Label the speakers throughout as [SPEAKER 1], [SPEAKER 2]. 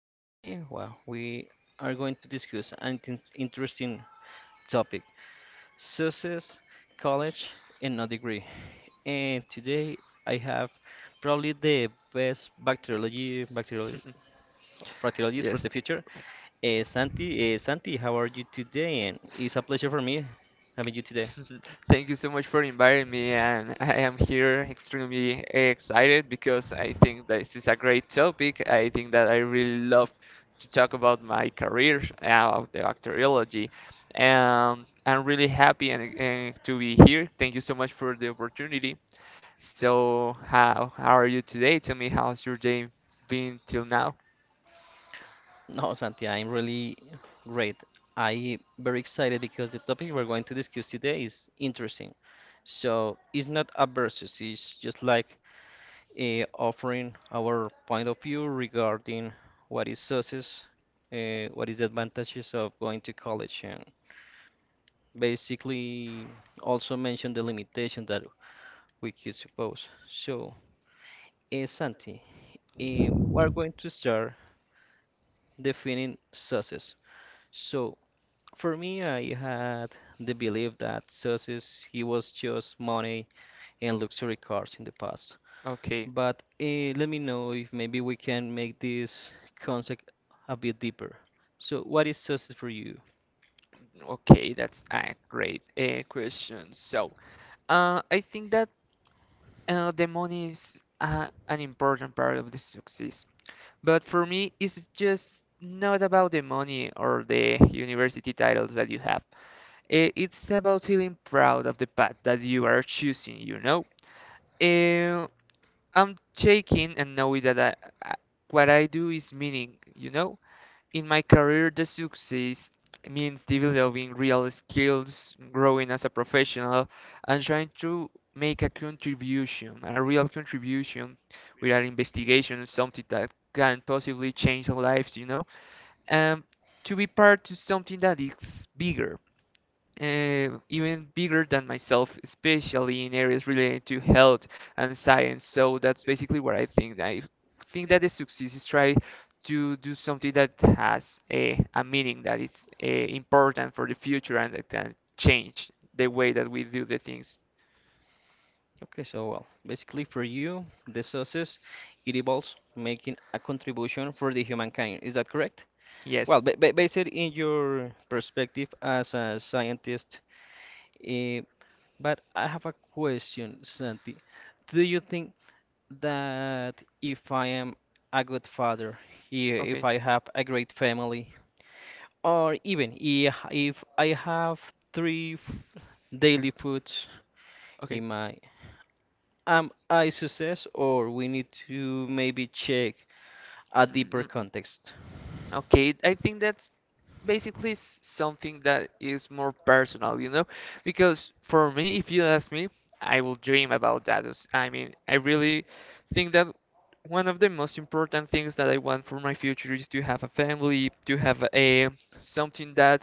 [SPEAKER 1] Today, well, we are going to discuss an interesting topic: success, college, and a degree. And today, I have probably the best bacteriologist for the
[SPEAKER 2] Yes.
[SPEAKER 1] future, Santi. Santi, how are you today? And it's a pleasure for me having you today.
[SPEAKER 2] Mhm. Thank you so much for inviting me, and I am here extremely excited because I think that this is a great topic. I think that I really love to talk about my career, about the bacteriology, and I'm really happy and to be here. Thank you so much for the opportunity. So, how are you today? Tell me how's your day been till now?
[SPEAKER 1] No, Santi, I'm really great. I very excited because the topic we're going to discuss today is interesting. So it's not a versus, it's just like offering our point of view regarding what is success, what is the advantages of going to college, and basically also mention the limitation that we could suppose. So, Santi, we're going to start defining success. So for me, I had the belief that success it was just money and luxury cars in the past.
[SPEAKER 2] Okay,
[SPEAKER 1] But let me know if maybe we can make this concept a bit deeper. So, what is success for you?
[SPEAKER 2] okay, that's a great question. So, I think that the money is an important part of the success. But for me, it's just not about the money or the university titles that you have. It's about feeling proud of the path that you are choosing, you know? Uh, I'm taking and knowing that I, what I do is meaning, you know? In my career, the success means developing real skills, growing as a professional, and trying to make a contribution, a real contribution with an investigation or something that can possibly change lives, you know, and to be part of something that is bigger even bigger than myself, especially in areas related to health and science. So that's basically what I think. I think that the success is try to do something that has a meaning that is important for the future and that can change the way that we do the things.
[SPEAKER 1] Okay, so well, basically for you, the success it involves making a contribution for the humankind. Is that correct? Well,
[SPEAKER 2] Yes.
[SPEAKER 1] ba ba based in your perspective as a scientist. eh, But I have a question, Santi. Do you think that if I am a good father, if
[SPEAKER 2] Okay.
[SPEAKER 1] I have a great family, or even if I have three daily foods
[SPEAKER 2] Okay.
[SPEAKER 1] in my, am I success, or we need to maybe check a
[SPEAKER 2] Mm,
[SPEAKER 1] deeper
[SPEAKER 2] mm, mm.
[SPEAKER 1] context?
[SPEAKER 2] Okay, I think that's basically something that is more personal, you know? Because for me, if you ask me, I will dream about that. I mean, I really think that one of the most important things that I want for my future is to have a family, to have a something that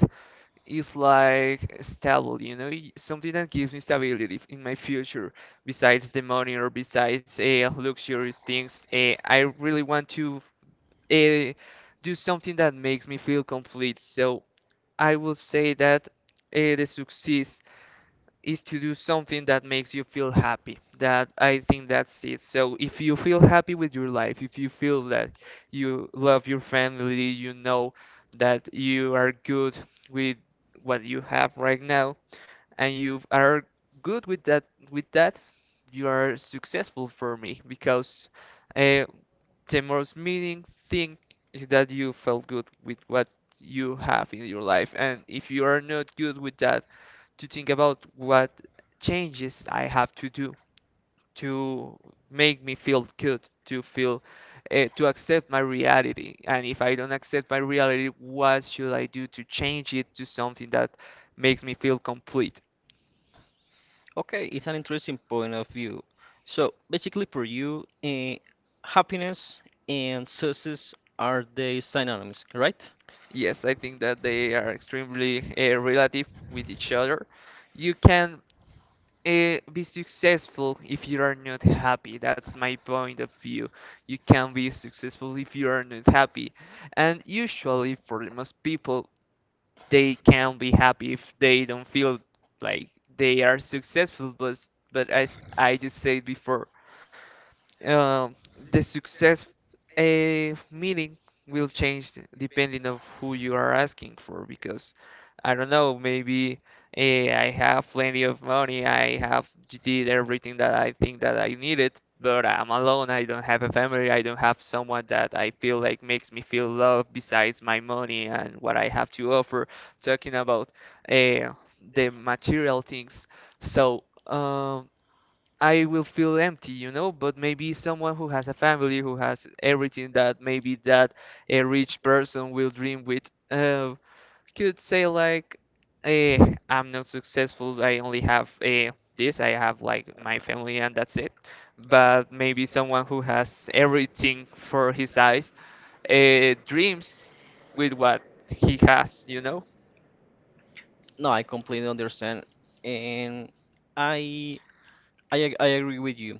[SPEAKER 2] is like stable, you know, something that gives me stability in my future. Besides the money or besides luxurious things, I really want to uh, do something that makes me feel complete. So I would say that the success is to do something that makes you feel happy. That I think that's it. So if you feel happy with your life, if you feel that you love your family, you know that you are good with what you have right now, and you are good with that, you are successful for me because uh, the most meaning thing is that you felt good with what you have in your life. And if you are not good with that, to think about what changes I have to do to make me feel good, to feel, to accept my reality. And if I don't accept my reality, what should I do to change it to something that makes me feel complete?
[SPEAKER 1] Okay, it's an interesting point of view. So basically, for you, happiness and success are they synonyms, right?
[SPEAKER 2] Yes, I think that they are extremely relative with each other. You can be successful if you are not happy. That's my point of view. You can be successful if you are not happy. And usually, for the most people, they can be happy if they don't feel like they are successful. But as I just said before, um, the success a meaning will change depending of who you are asking for because I don't know, maybe I have plenty of money, I have did everything that I think that I needed, but I'm alone, I don't have a family, I don't have someone that I feel like makes me feel loved besides my money and what I have to offer, talking about eh, the material things. So, I will feel empty, you know, but maybe someone who has a family, who has everything that maybe that a rich person will dream with, could say like, I'm not successful. I only have this. I have like my family and that's it. But maybe someone who has everything for his eyes, dreams with what he has, you know?
[SPEAKER 1] No, I completely understand, and I I agree with you.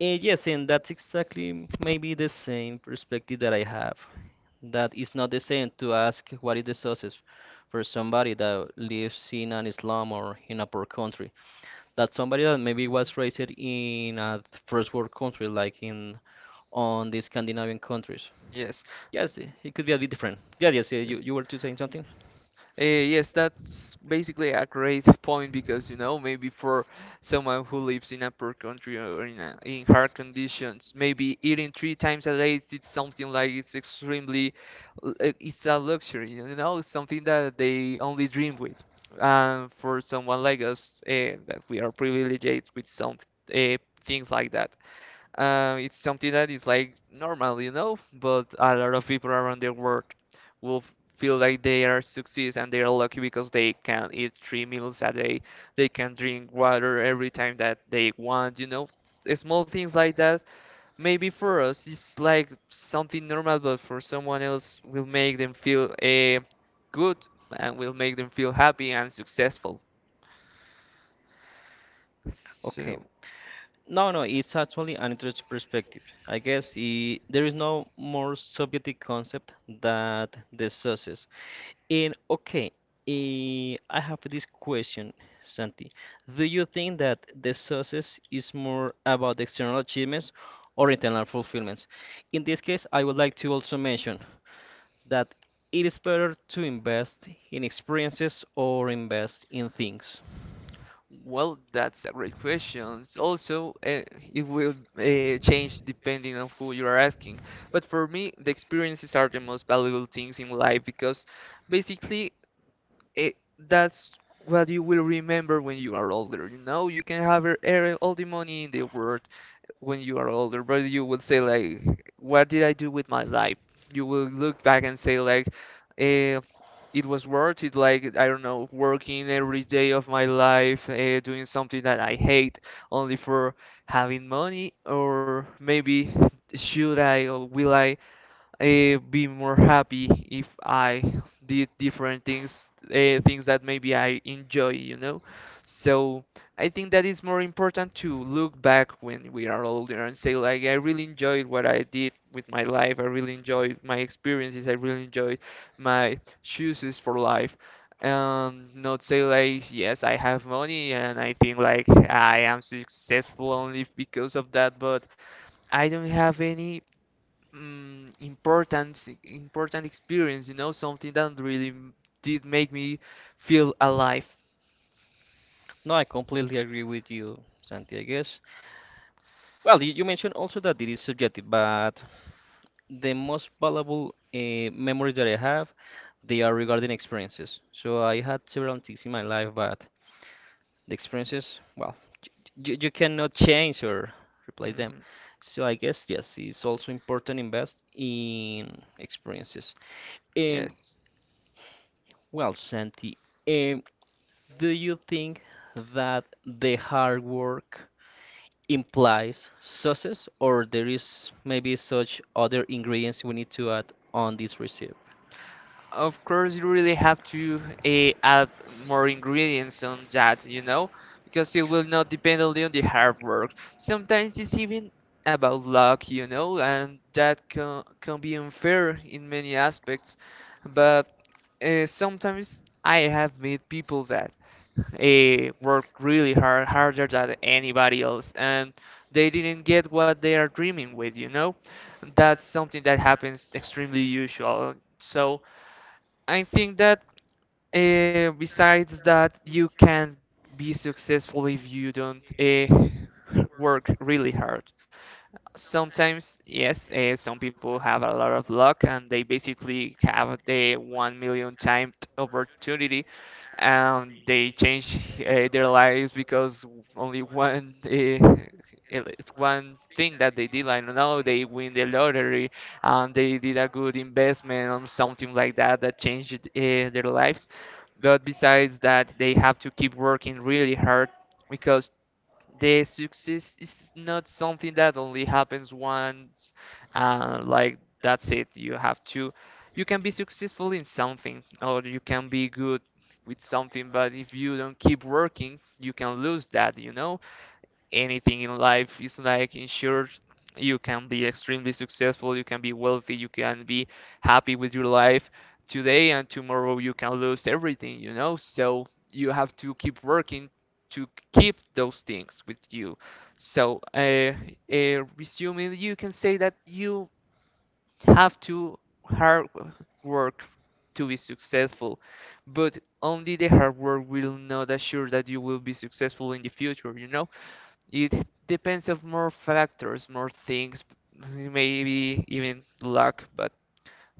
[SPEAKER 1] Yes, and that's exactly maybe the same perspective that I have. That it's not the same to ask what is the success for somebody that lives in an slum or in a poor country. That somebody that maybe was raised in a first world country, like in on the Scandinavian countries.
[SPEAKER 2] Yes.
[SPEAKER 1] Yes, it could be a bit different. Yeah, yes, you,
[SPEAKER 2] Yes.
[SPEAKER 1] you were to saying something?
[SPEAKER 2] Yes, that's basically a great point because you know maybe for someone who lives in a poor country or in hard conditions, maybe eating three times a day it's something like it's extremely it's a luxury, you know, it's something that they only dream with. And for someone like us, that we are privileged with some uh, things like that. It's something that is like normal, you know, but a lot of people around the world will feel like they are success and they are lucky because they can eat three meals a day, they can drink water every time that they want, you know. Small things like that, maybe for us it's like something normal, but for someone else will make them feel good and will make them feel happy and successful.
[SPEAKER 1] Okay.
[SPEAKER 2] So.
[SPEAKER 1] No, no, it's actually an interesting perspective. I guess I there is no more subjective concept that the success. And okay, I have this question, Santi. Do you think that the success is more about external achievements or internal fulfillments? In this case, I would like to also mention that it is better to invest in experiences or invest in things.
[SPEAKER 2] Well, that's a great question. Also, it will change depending on who you are asking. But for me, the experiences are the most valuable things in life because basically that's what you will remember when you are older. You know, you can have all the money in the world when you are older, but you will say like, "What did I do with my life?" You will look back and say like, eh, "It was worth it." Like I don't know, working every day of my life, doing something that I hate only for having money, or maybe should I or will I be more happy if I did different things, things that maybe I enjoy, you know. So I think that it's more important to look back when we are older and say, like, I really enjoyed what I did with my life. I really enjoyed my experiences. I really enjoyed my choices for life. And not say like, yes, I have money and I think like I am successful only because of that, but I don't have any important experience, you know, something that really did make me feel alive.
[SPEAKER 1] No, I completely agree with you, Santi, I guess. Well, you mentioned also that it is subjective, but the most valuable memories that I have, they are regarding experiences. So I had several things in my life, but the experiences, well, you cannot change or replace them.
[SPEAKER 2] Hmm.
[SPEAKER 1] So I guess, yes, it's also important invest in experiences. And,
[SPEAKER 2] Yes.
[SPEAKER 1] well, Santi, um, do you think that the hard work implies sauces or there is maybe such other ingredients we need to add on this recipe.
[SPEAKER 2] Of course, you really have to add more ingredients on that, you know, because it will not depend only on the hard work. Sometimes it's even about luck, you know, and that can be unfair in many aspects. But sometimes I have met people that worked really hard, harder than anybody else, and they didn't get what they are dreaming with, you know? That's something that happens extremely usual. So I think that besides that, you can be successful if you don't work really hard. Sometimes, yes, some people have a lot of luck and they basically have the 1 million timed opportunity and they change their lives because only ele- one thing that they did. I don't know. They win the lottery and they did a good investment or something like that that changed their lives. But besides that, they have to keep working really hard because the success is not something that only happens once and like that's it. You have to you can be successful in something, or you can be good with something, but if you don't keep working you can lose that, you know. Anything in life is like insured. You can be extremely successful, you can be wealthy, you can be happy with your life today, and tomorrow you can lose everything, you know? So you have to keep working to keep those things with you. So, resuming, you can say that you have to hard work to be successful, but only the hard work will not assure that you will be successful in the future, you know? It depends of more factors, more things, maybe even luck, but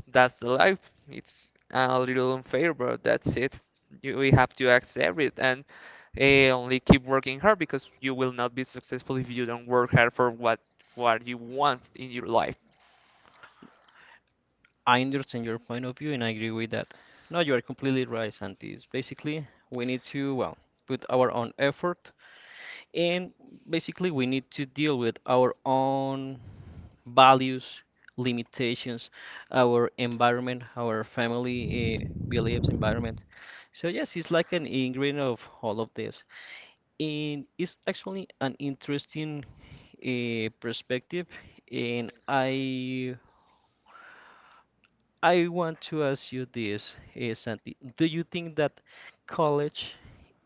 [SPEAKER 2] that's the life. It's a little unfair, but that's it. We have to accept it and only keep working hard because you will not be successful if you don't work hard for what you want in your life.
[SPEAKER 1] I understand your point of view and I agree with that. No, you are completely right, Santi. Basically, we need to, well, put our own effort, and basically we need to deal with our own values, limitations, our environment, our family, beliefs, environment. So yes, it's like an ingredient of all of this, and it's actually an interesting perspective. And I want to ask you this, Santi, do you think that college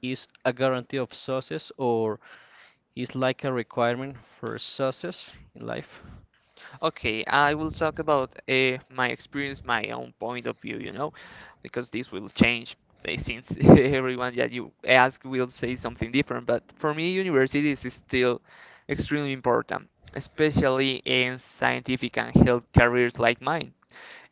[SPEAKER 1] is a guarantee of success, or it's like a requirement for success in life?
[SPEAKER 2] Okay, I will talk about my experience, my own point of view, you know, because this will change since everyone that you ask will say something different. But for me, university is still extremely important, especially in scientific and health careers like mine.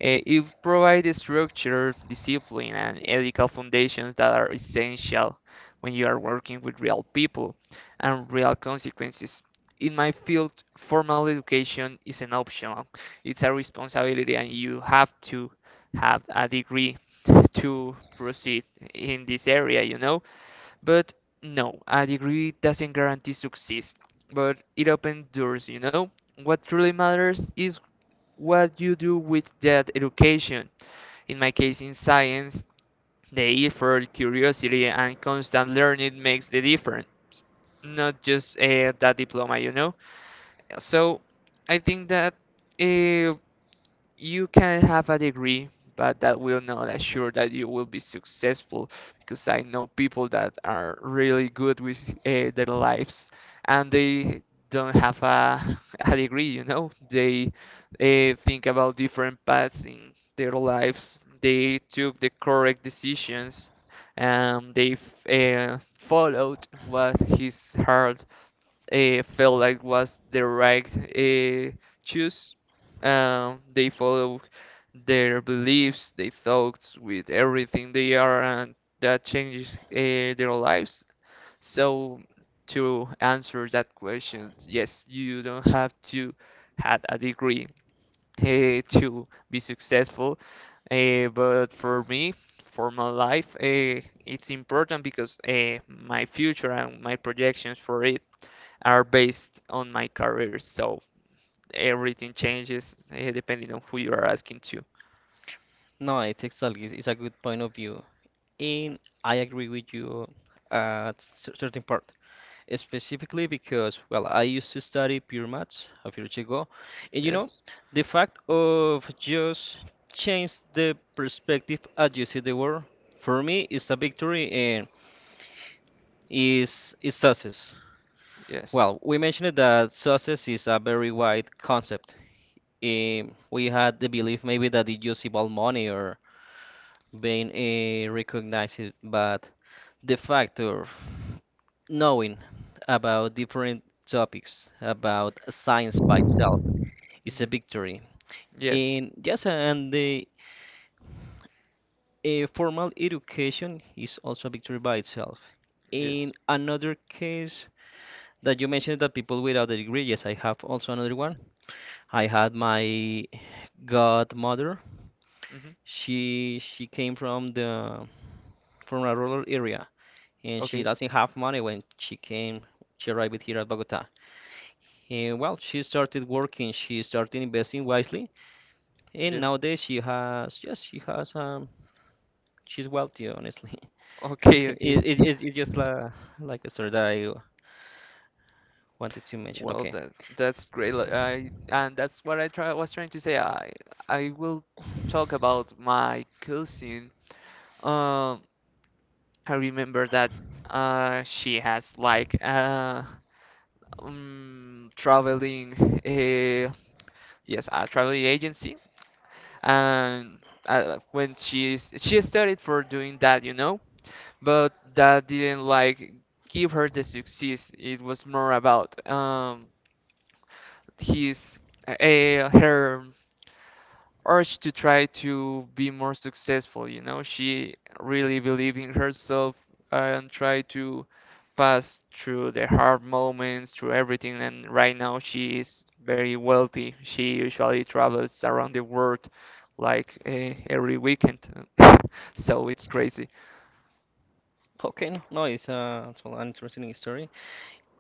[SPEAKER 2] It provides structure, discipline, and ethical foundations that are essential when you are working with real people and real consequences. In my field, formal education is an optional. It's a responsibility, and you have to have a degree to proceed in this area, you know? But no, a degree doesn't guarantee success, but it opens doors, you know? What truly matters is what you do with that education. In my case, in science, the effort, curiosity, and constant learning makes the difference, not just that diploma, you know. So I think that uh, you can have a degree, but that will not assure that you will be successful because I know people that are really good with their lives and they don't have a degree, you know? They think about different paths in their lives. They took the correct decisions and they followed what his heart felt like was the right choice. They follow their beliefs, their thoughts with everything they are, and that changes their lives. So, to answer that question, yes, you don't have to have a degree to be successful. But for me, for my life, it's important because my future and my projections for it are based on my career. So everything changes depending on who you are asking to.
[SPEAKER 1] No, it's exactly. It's a good point of view, and I agree with you at certain part, specifically because well, I used to study pure maths a few years ago, and
[SPEAKER 2] Yes,
[SPEAKER 1] the fact of just change the perspective as you see the world for me is a victory and is success.
[SPEAKER 2] yes.
[SPEAKER 1] Well, we mentioned that success is a very wide concept. We had the belief maybe that it just involved money or being recognized, but the fact of knowing about different topics, about science by itself, is
[SPEAKER 2] Mhm.
[SPEAKER 1] a victory.
[SPEAKER 2] Yes,
[SPEAKER 1] And yes, and the formal education is also a victory by itself. In
[SPEAKER 2] yes.
[SPEAKER 1] another case that you mentioned that people without a degree, yes, I have also another one. I had my godmother.
[SPEAKER 2] Hmm.
[SPEAKER 1] She came from the from a rural area, and she
[SPEAKER 2] Okay.
[SPEAKER 1] doesn't have money when she came. She arrived here at Bogota. And well, she started working. She started investing wisely, and
[SPEAKER 2] Yes.
[SPEAKER 1] nowadays she has, yes, she's wealthy, honestly.
[SPEAKER 2] Okay,
[SPEAKER 1] Okay,
[SPEAKER 2] okay.
[SPEAKER 1] it's just like a story that I wanted to mention.
[SPEAKER 2] Well,
[SPEAKER 1] Okay,
[SPEAKER 2] that that's great. Like, I and that's what I try was trying to say. I will talk about my cousin. Um, I remember that she has like traveling yes a traveling agency and when she studied for doing that, you know, but that didn't like give her the success. It was more about his uh, her urge to try to be more successful, you know. She really believed in herself and tried to pass through the hard moments, through everything, and right now she is very wealthy. She usually travels around the world like every weekend. So it's crazy.
[SPEAKER 1] okay, no, no, it's an interesting story,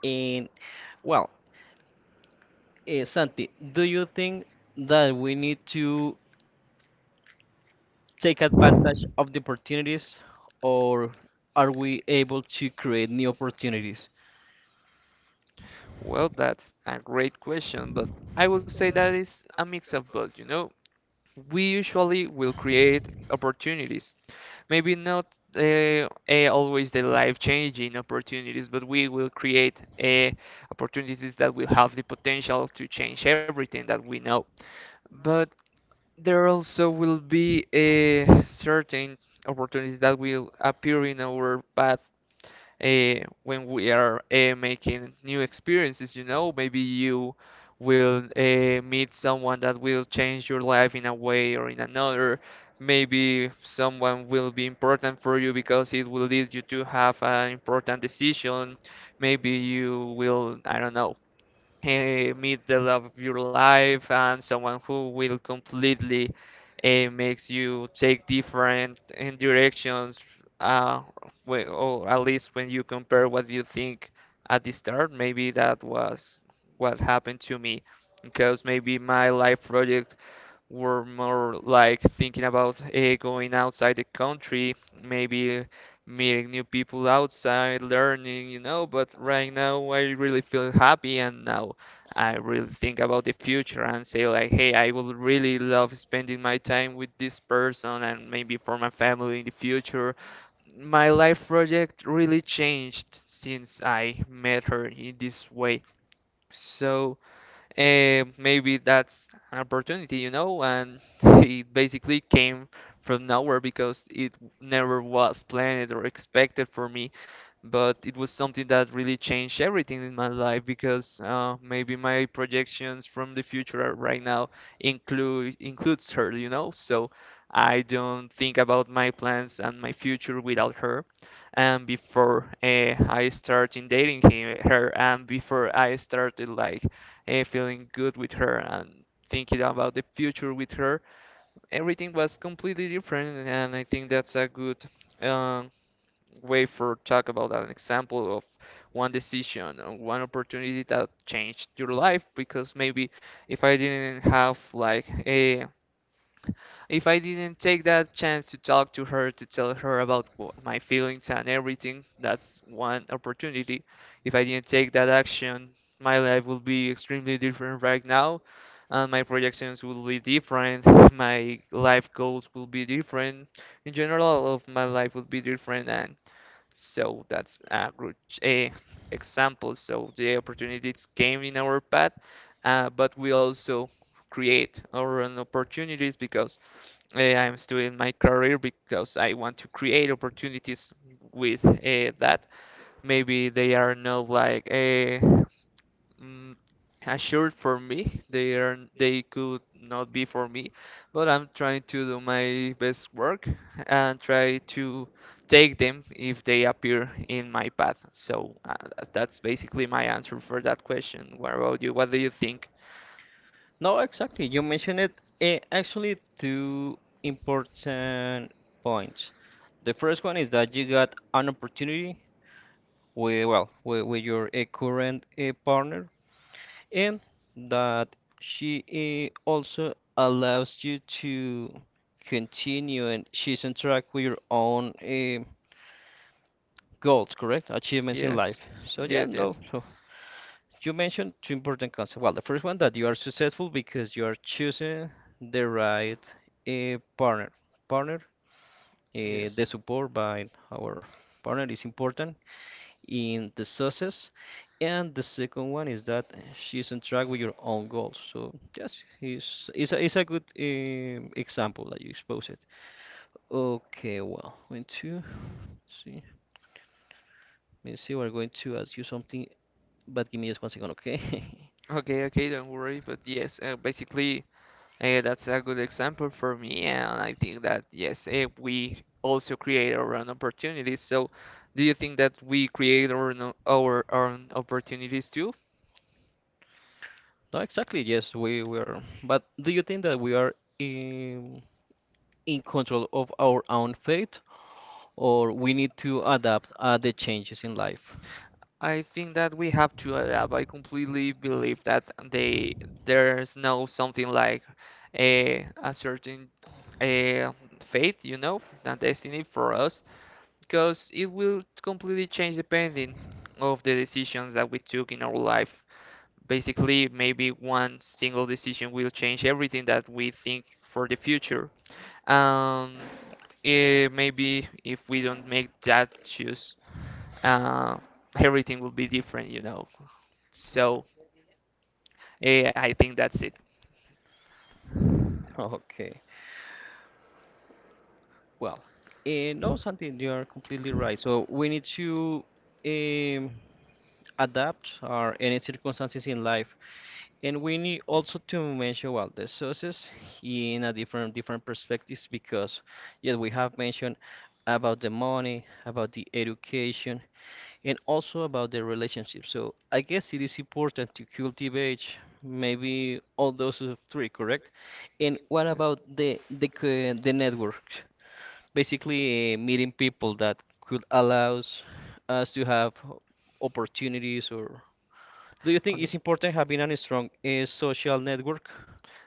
[SPEAKER 1] and well. Santi, do you think that we need to take advantage of the opportunities, or are we able to create new opportunities?
[SPEAKER 2] Well, that's a great question, but I would say that is a mix of both, you know. We usually will create opportunities. Maybe not always the life-changing opportunities, but we will create opportunities that will have the potential to change everything that we know. But there also will be a certain opportunities that will appear in our path uh, when we are making new experiences, you know, maybe you will meet someone that will change your life in a way or in another. Maybe someone will be important for you because it will lead you to have an important decision. Maybe you will, I don't know, meet the love of your life and someone who will completely makes you take different directions uh, or at least when you compare what you think at the start. Maybe that was what happened to me because maybe my life project were more like thinking about going outside the country, maybe meeting new people outside, learning, you know. But right now, I really feel happy, and now I really think about the future and say, like, hey, I would really love spending my time with this person and maybe for my family in the future. My life project really changed since I met her in this way. So, maybe that's an opportunity, you know, and it basically came from nowhere because it never was planned or expected for me, but it was something that really changed everything in my life because maybe my projections from the future are right now includes her, you know. So I don't think about my plans and my future without her. And before I started dating her, and before I started like feeling good with her and thinking about the future with her, everything was completely different. And I think that's a good. Um, Way for talk about an example of one decision or one opportunity that changed your life because maybe if I didn't have like a if I didn't take that chance to talk to her, to tell her about my feelings and everything, that's one opportunity. If I didn't take that action, my life will be extremely different right now. And my projections will be different. My life goals will be different. In general, all of my life will be different, and so that's a good eh, example. So the opportunities came in our path, but we also create our own opportunities because I'm still in my career because I want to create opportunities with that. Maybe they are not like mm, assured for me. They could not be for me, but I'm trying to do my best work and try to take them if they appear in my path. So that's basically my answer for that question. What about you? What do you think?
[SPEAKER 1] No, exactly. You mentioned it, actually two important points. The first one is that you got an opportunity well, with your current partner, and that she also allows you to continue and she's on track with your own goals, correct? Achievements in life.
[SPEAKER 2] Yes,
[SPEAKER 1] So yeah,
[SPEAKER 2] yes,
[SPEAKER 1] no.
[SPEAKER 2] yes,
[SPEAKER 1] So you mentioned two important concepts. Well, the first one that you are successful because you are choosing the right partner. Partner,
[SPEAKER 2] yes.
[SPEAKER 1] the support by our partner is important in the success. And the second one is that she's on track with your own goals. So yes, it's a good example that you expose it. Okay, well, going to let's see. Let me see. We're going to ask you something, but give me just one second, okay?
[SPEAKER 2] Okay, okay, don't worry. But yes, basically. That's a good example for me, and I think that yes, we also create our own opportunities. So, do you think that we create our own opportunities too?
[SPEAKER 1] No, exactly. Yes, we were. But do you think that we are in control of our own fate, or we need to adapt the changes in life?
[SPEAKER 2] I think that we have to adapt. I completely believe that they there's no something like a certain a fate, you know, a destiny for us, because it will completely change depending of the decisions that we took in our life. Basically, maybe one single decision will change everything that we think for the future. Um, Maybe if we don't make that choice, uh, everything will be different, you know. So, I think that's it.
[SPEAKER 1] Okay. Well, no, Santi, you are completely right. So we need to um, adapt our any circumstances in life, and we need also to mention well the sources in a different perspectives because yes, we have mentioned about the money, about the education, and also about the relationship. So I guess it is important to cultivate maybe all those three, correct? And what
[SPEAKER 2] Yes.
[SPEAKER 1] about the network? Basically meeting people that could allows us to have opportunities, or do you think it's
[SPEAKER 2] Okay.
[SPEAKER 1] important having a strong social network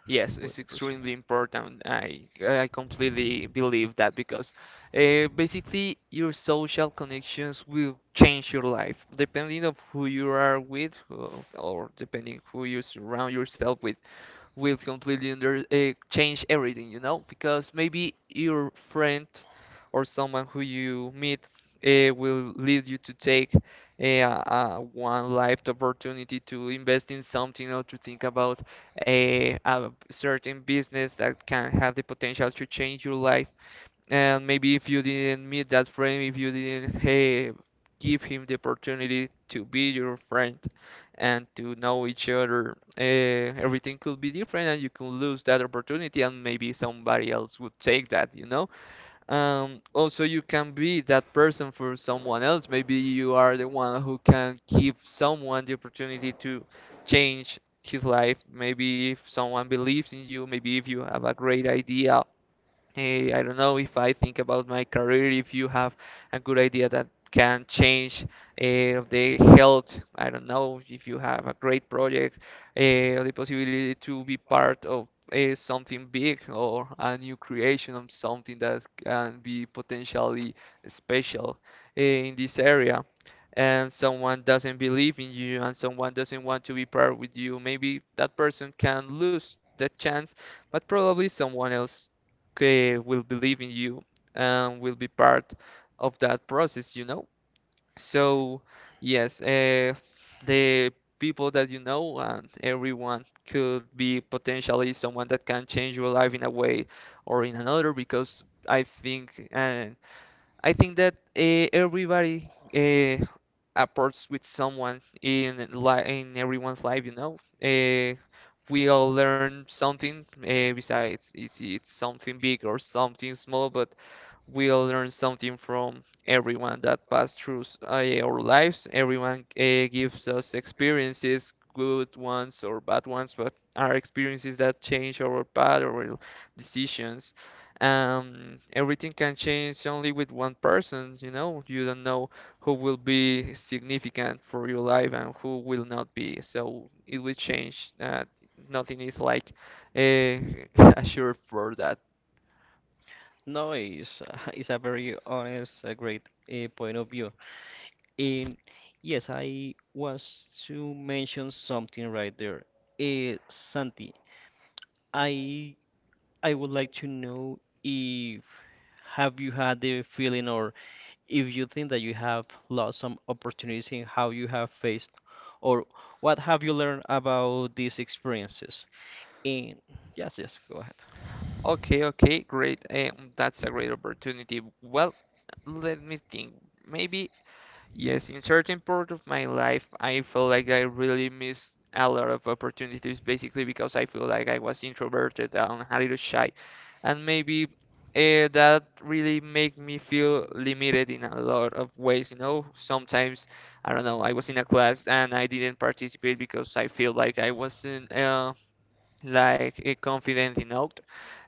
[SPEAKER 2] Yes,
[SPEAKER 1] with
[SPEAKER 2] it's
[SPEAKER 1] the person?
[SPEAKER 2] extremely important. I completely believe that because basically your social connections will change your life depending of who you are with or depending who you surround yourself with will completely under change everything, you know? Because maybe your friend or someone who you meet will lead you to take a one life opportunity to invest in something or to think about a certain business that can have the potential to change your life. And maybe if you didn't meet that friend, if you didn't hey, give him the opportunity to be your friend and to know each other, everything could be different and you can lose that opportunity and maybe somebody else would take that, you know? Also, you can be that person for someone else. Maybe you are the one who can give someone the opportunity to change his life. Maybe if someone believes in you, maybe if you have a great idea. I don't know if I think about my career, if you have a good idea that can change the health. I don't know if you have a great project, uh, the possibility to be part of something big or a new creation of something that can be potentially special in this area. And someone doesn't believe in you, and someone doesn't want to be part with you. Maybe that person can lose that chance, but probably someone else will believe in you and will be part of that process, you know? So, yes, the people that you know and everyone could be potentially someone that can change your life in a way or in another because I think uh, I think that everybody approaches with someone in everyone's life, you know. We all learn something besides it's something big or something small, but we'll learn something from everyone that passed through our lives. Everyone gives us experiences, good ones or bad ones, but are experiences that change our path or decisions. Everything can change only with one person, you know. You don't know who will be significant for your life and who will not be. So it will change. Nothing is like assured for that.
[SPEAKER 1] No, it's, it's a very honest, a great point of view. And yes, I was to mention something right there. Santi, I I would like to know if have you had the feeling or if you think that you have lost some opportunities in how you have faced or what have you learned about these experiences? And yes, yes, go ahead.
[SPEAKER 2] Okay, okay, great. That's a great opportunity. Well, let me think. Maybe, yes, in certain part of my life, I feel like I really missed a lot of opportunities, basically because I feel like I was introverted and a little shy. And maybe that really make me feel limited in a lot of ways, you know? Sometimes, I don't know, I was in a class and I didn't participate because I feel like I wasn't like a confident enough.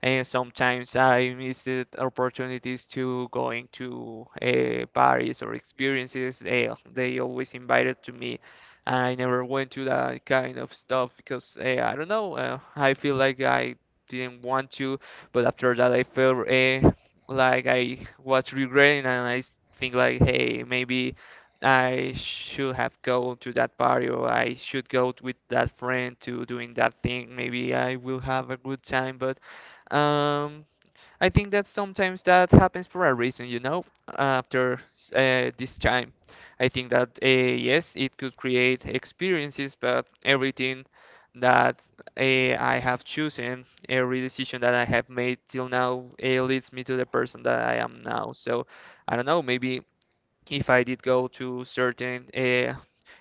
[SPEAKER 2] And sometimes I missed the opportunities to going to Paris or experiences. They always invited to me, and I never went to that kind of stuff because I don't know. I feel like I didn't want to, but after that I felt like I was regretting, and think like, hey, maybe. I should have go to that party or I should go with that friend to doing that thing. Maybe I will have a good time, but um, I think that sometimes that happens for a reason, you know, after this time. I think that yes, it could create experiences, but everything that I have chosen, every decision that I have made till now, leads me to the person that I am now. So I don't know, maybe if I did go to certain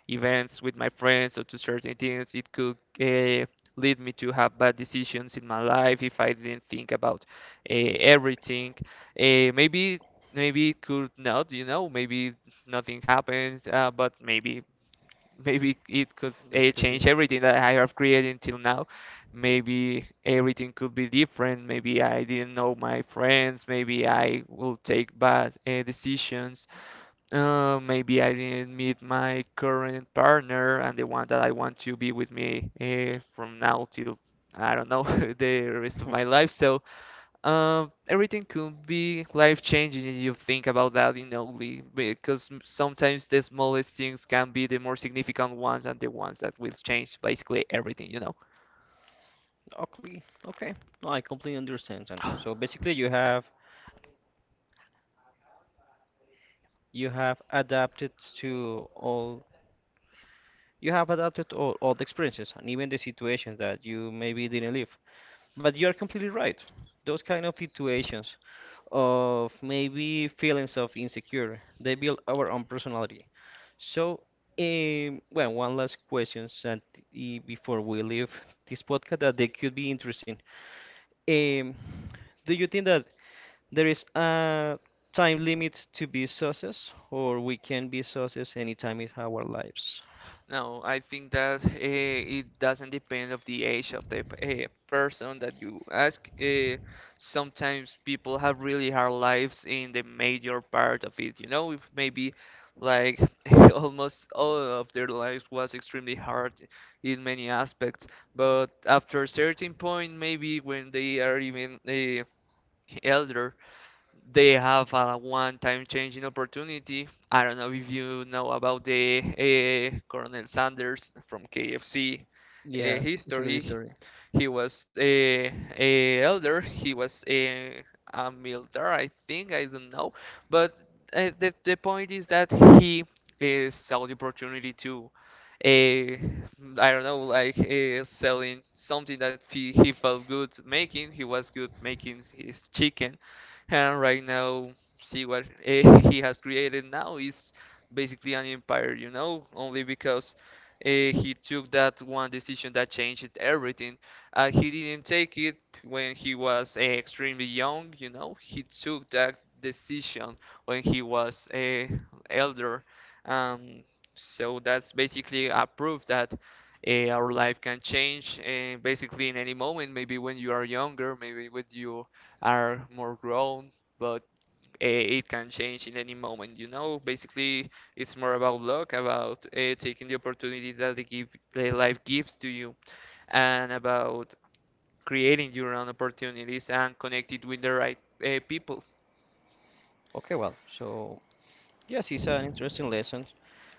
[SPEAKER 2] events with my friends or to certain things, it could lead me to have bad decisions in my life if I didn't think about everything. Uh, maybe maybe it could not, you know, maybe nothing happened, but maybe it could
[SPEAKER 1] That could be.
[SPEAKER 2] change everything that I have created until now. Maybe everything could be different. Maybe I didn't know my friends. Maybe I will take bad decisions, maybe I didn't meet my current partner and the one that I want to be with me from now till I don't know, the rest of my life. So everything could be life changing if you think about that in only because sometimes the smallest things can be the more significant ones and the ones that will change basically everything, you know.
[SPEAKER 1] Okay, okay. No, I completely understand, Santi. So basically you have adapted to all. You have adapted all the experiences and even the situations that you maybe didn't live. But you are completely right. Those kind of situations of maybe feelings of insecure, they build our own personality. So, well, one last question and before we leave this podcast that they could be interesting. Um, do you think that there is a time limit to be success, or we can be success anytime in our lives?
[SPEAKER 2] No, I think that it doesn't depend of the age of the person that you ask. Sometimes people have really hard lives in the major part of it. You know, if maybe like almost all of their lives was extremely hard in many aspects. But after a certain point, maybe when they are even elder, they have a one-time changing opportunity. I don't know if you know about the Colonel Sanders from KFC
[SPEAKER 1] Yes, it's a good
[SPEAKER 2] history.
[SPEAKER 1] history.
[SPEAKER 2] He was a elder. He was a military, I think. I don't know. But the point is that he saw the opportunity to, a, I don't know, like selling something that he felt good making. He was good making his chicken. And right now, see what he has created now is basically an empire, you know, only because he took that one decision that changed everything. He didn't take it when he was extremely young, you know. He took that decision when he was elder. Um, so that's basically a proof that our life can change basically in any moment, maybe when you are younger, maybe when you are more grown, but it can change in any moment, you know. Basically, it's more about luck, about taking the opportunity that the life gives to you, and about creating your own opportunities and connected with the right people.
[SPEAKER 1] Okay, well, so yes, it's an interesting lesson.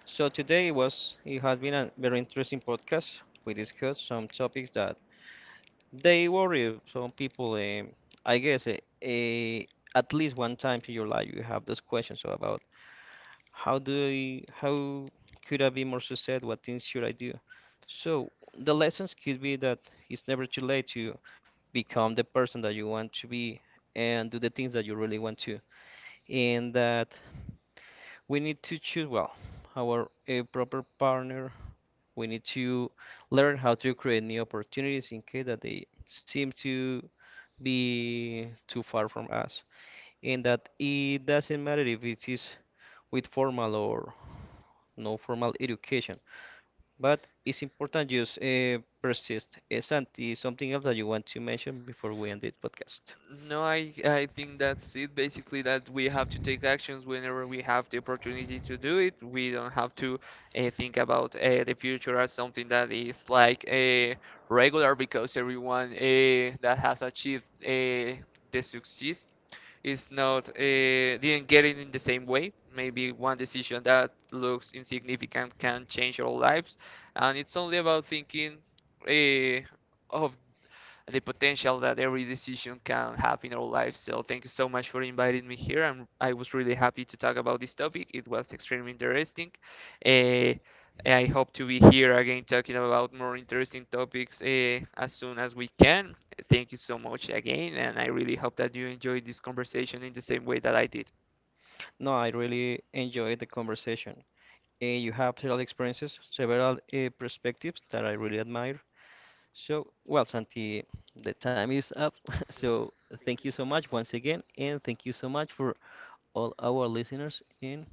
[SPEAKER 1] So today it has been a very interesting podcast. We discussed some topics that they worry some people. I guess uh, at least one time in your life you have those questions about how could I be more success? What things should I do? So the lessons could be that it's never too late to become the person that you want to be and do the things that you really want to. And that we need to choose well our a proper partner. We need to learn how to create new opportunities in case that they seem to be too far from us, and that it doesn't matter if it is with formal or no formal education. But it's important just persist. Santi, something else that you want to mention before we end this podcast?
[SPEAKER 2] No, I think that's it. Basically, that we have to take actions whenever we have the opportunity to do it. We don't have to think about the future as something that is like regular, because everyone that has achieved the success is not didn't get it in the same way. Maybe one decision that looks insignificant can change our lives, and it's only about thinking uh, of the potential that every decision can have in our lives. So thank you so much for inviting me here. I was really happy to talk about this topic. It was extremely interesting. Uh, I hope to be here again talking about more interesting topics as soon as we can. Thank you so much again, and I really hope that you enjoyed this conversation in the same way that I did.
[SPEAKER 1] No, I really enjoyed the conversation. You have several experiences, several perspectives that I really admire. So, well, Santi, the time is up. So, thank you so much once again, and thank you so much for all our listeners. And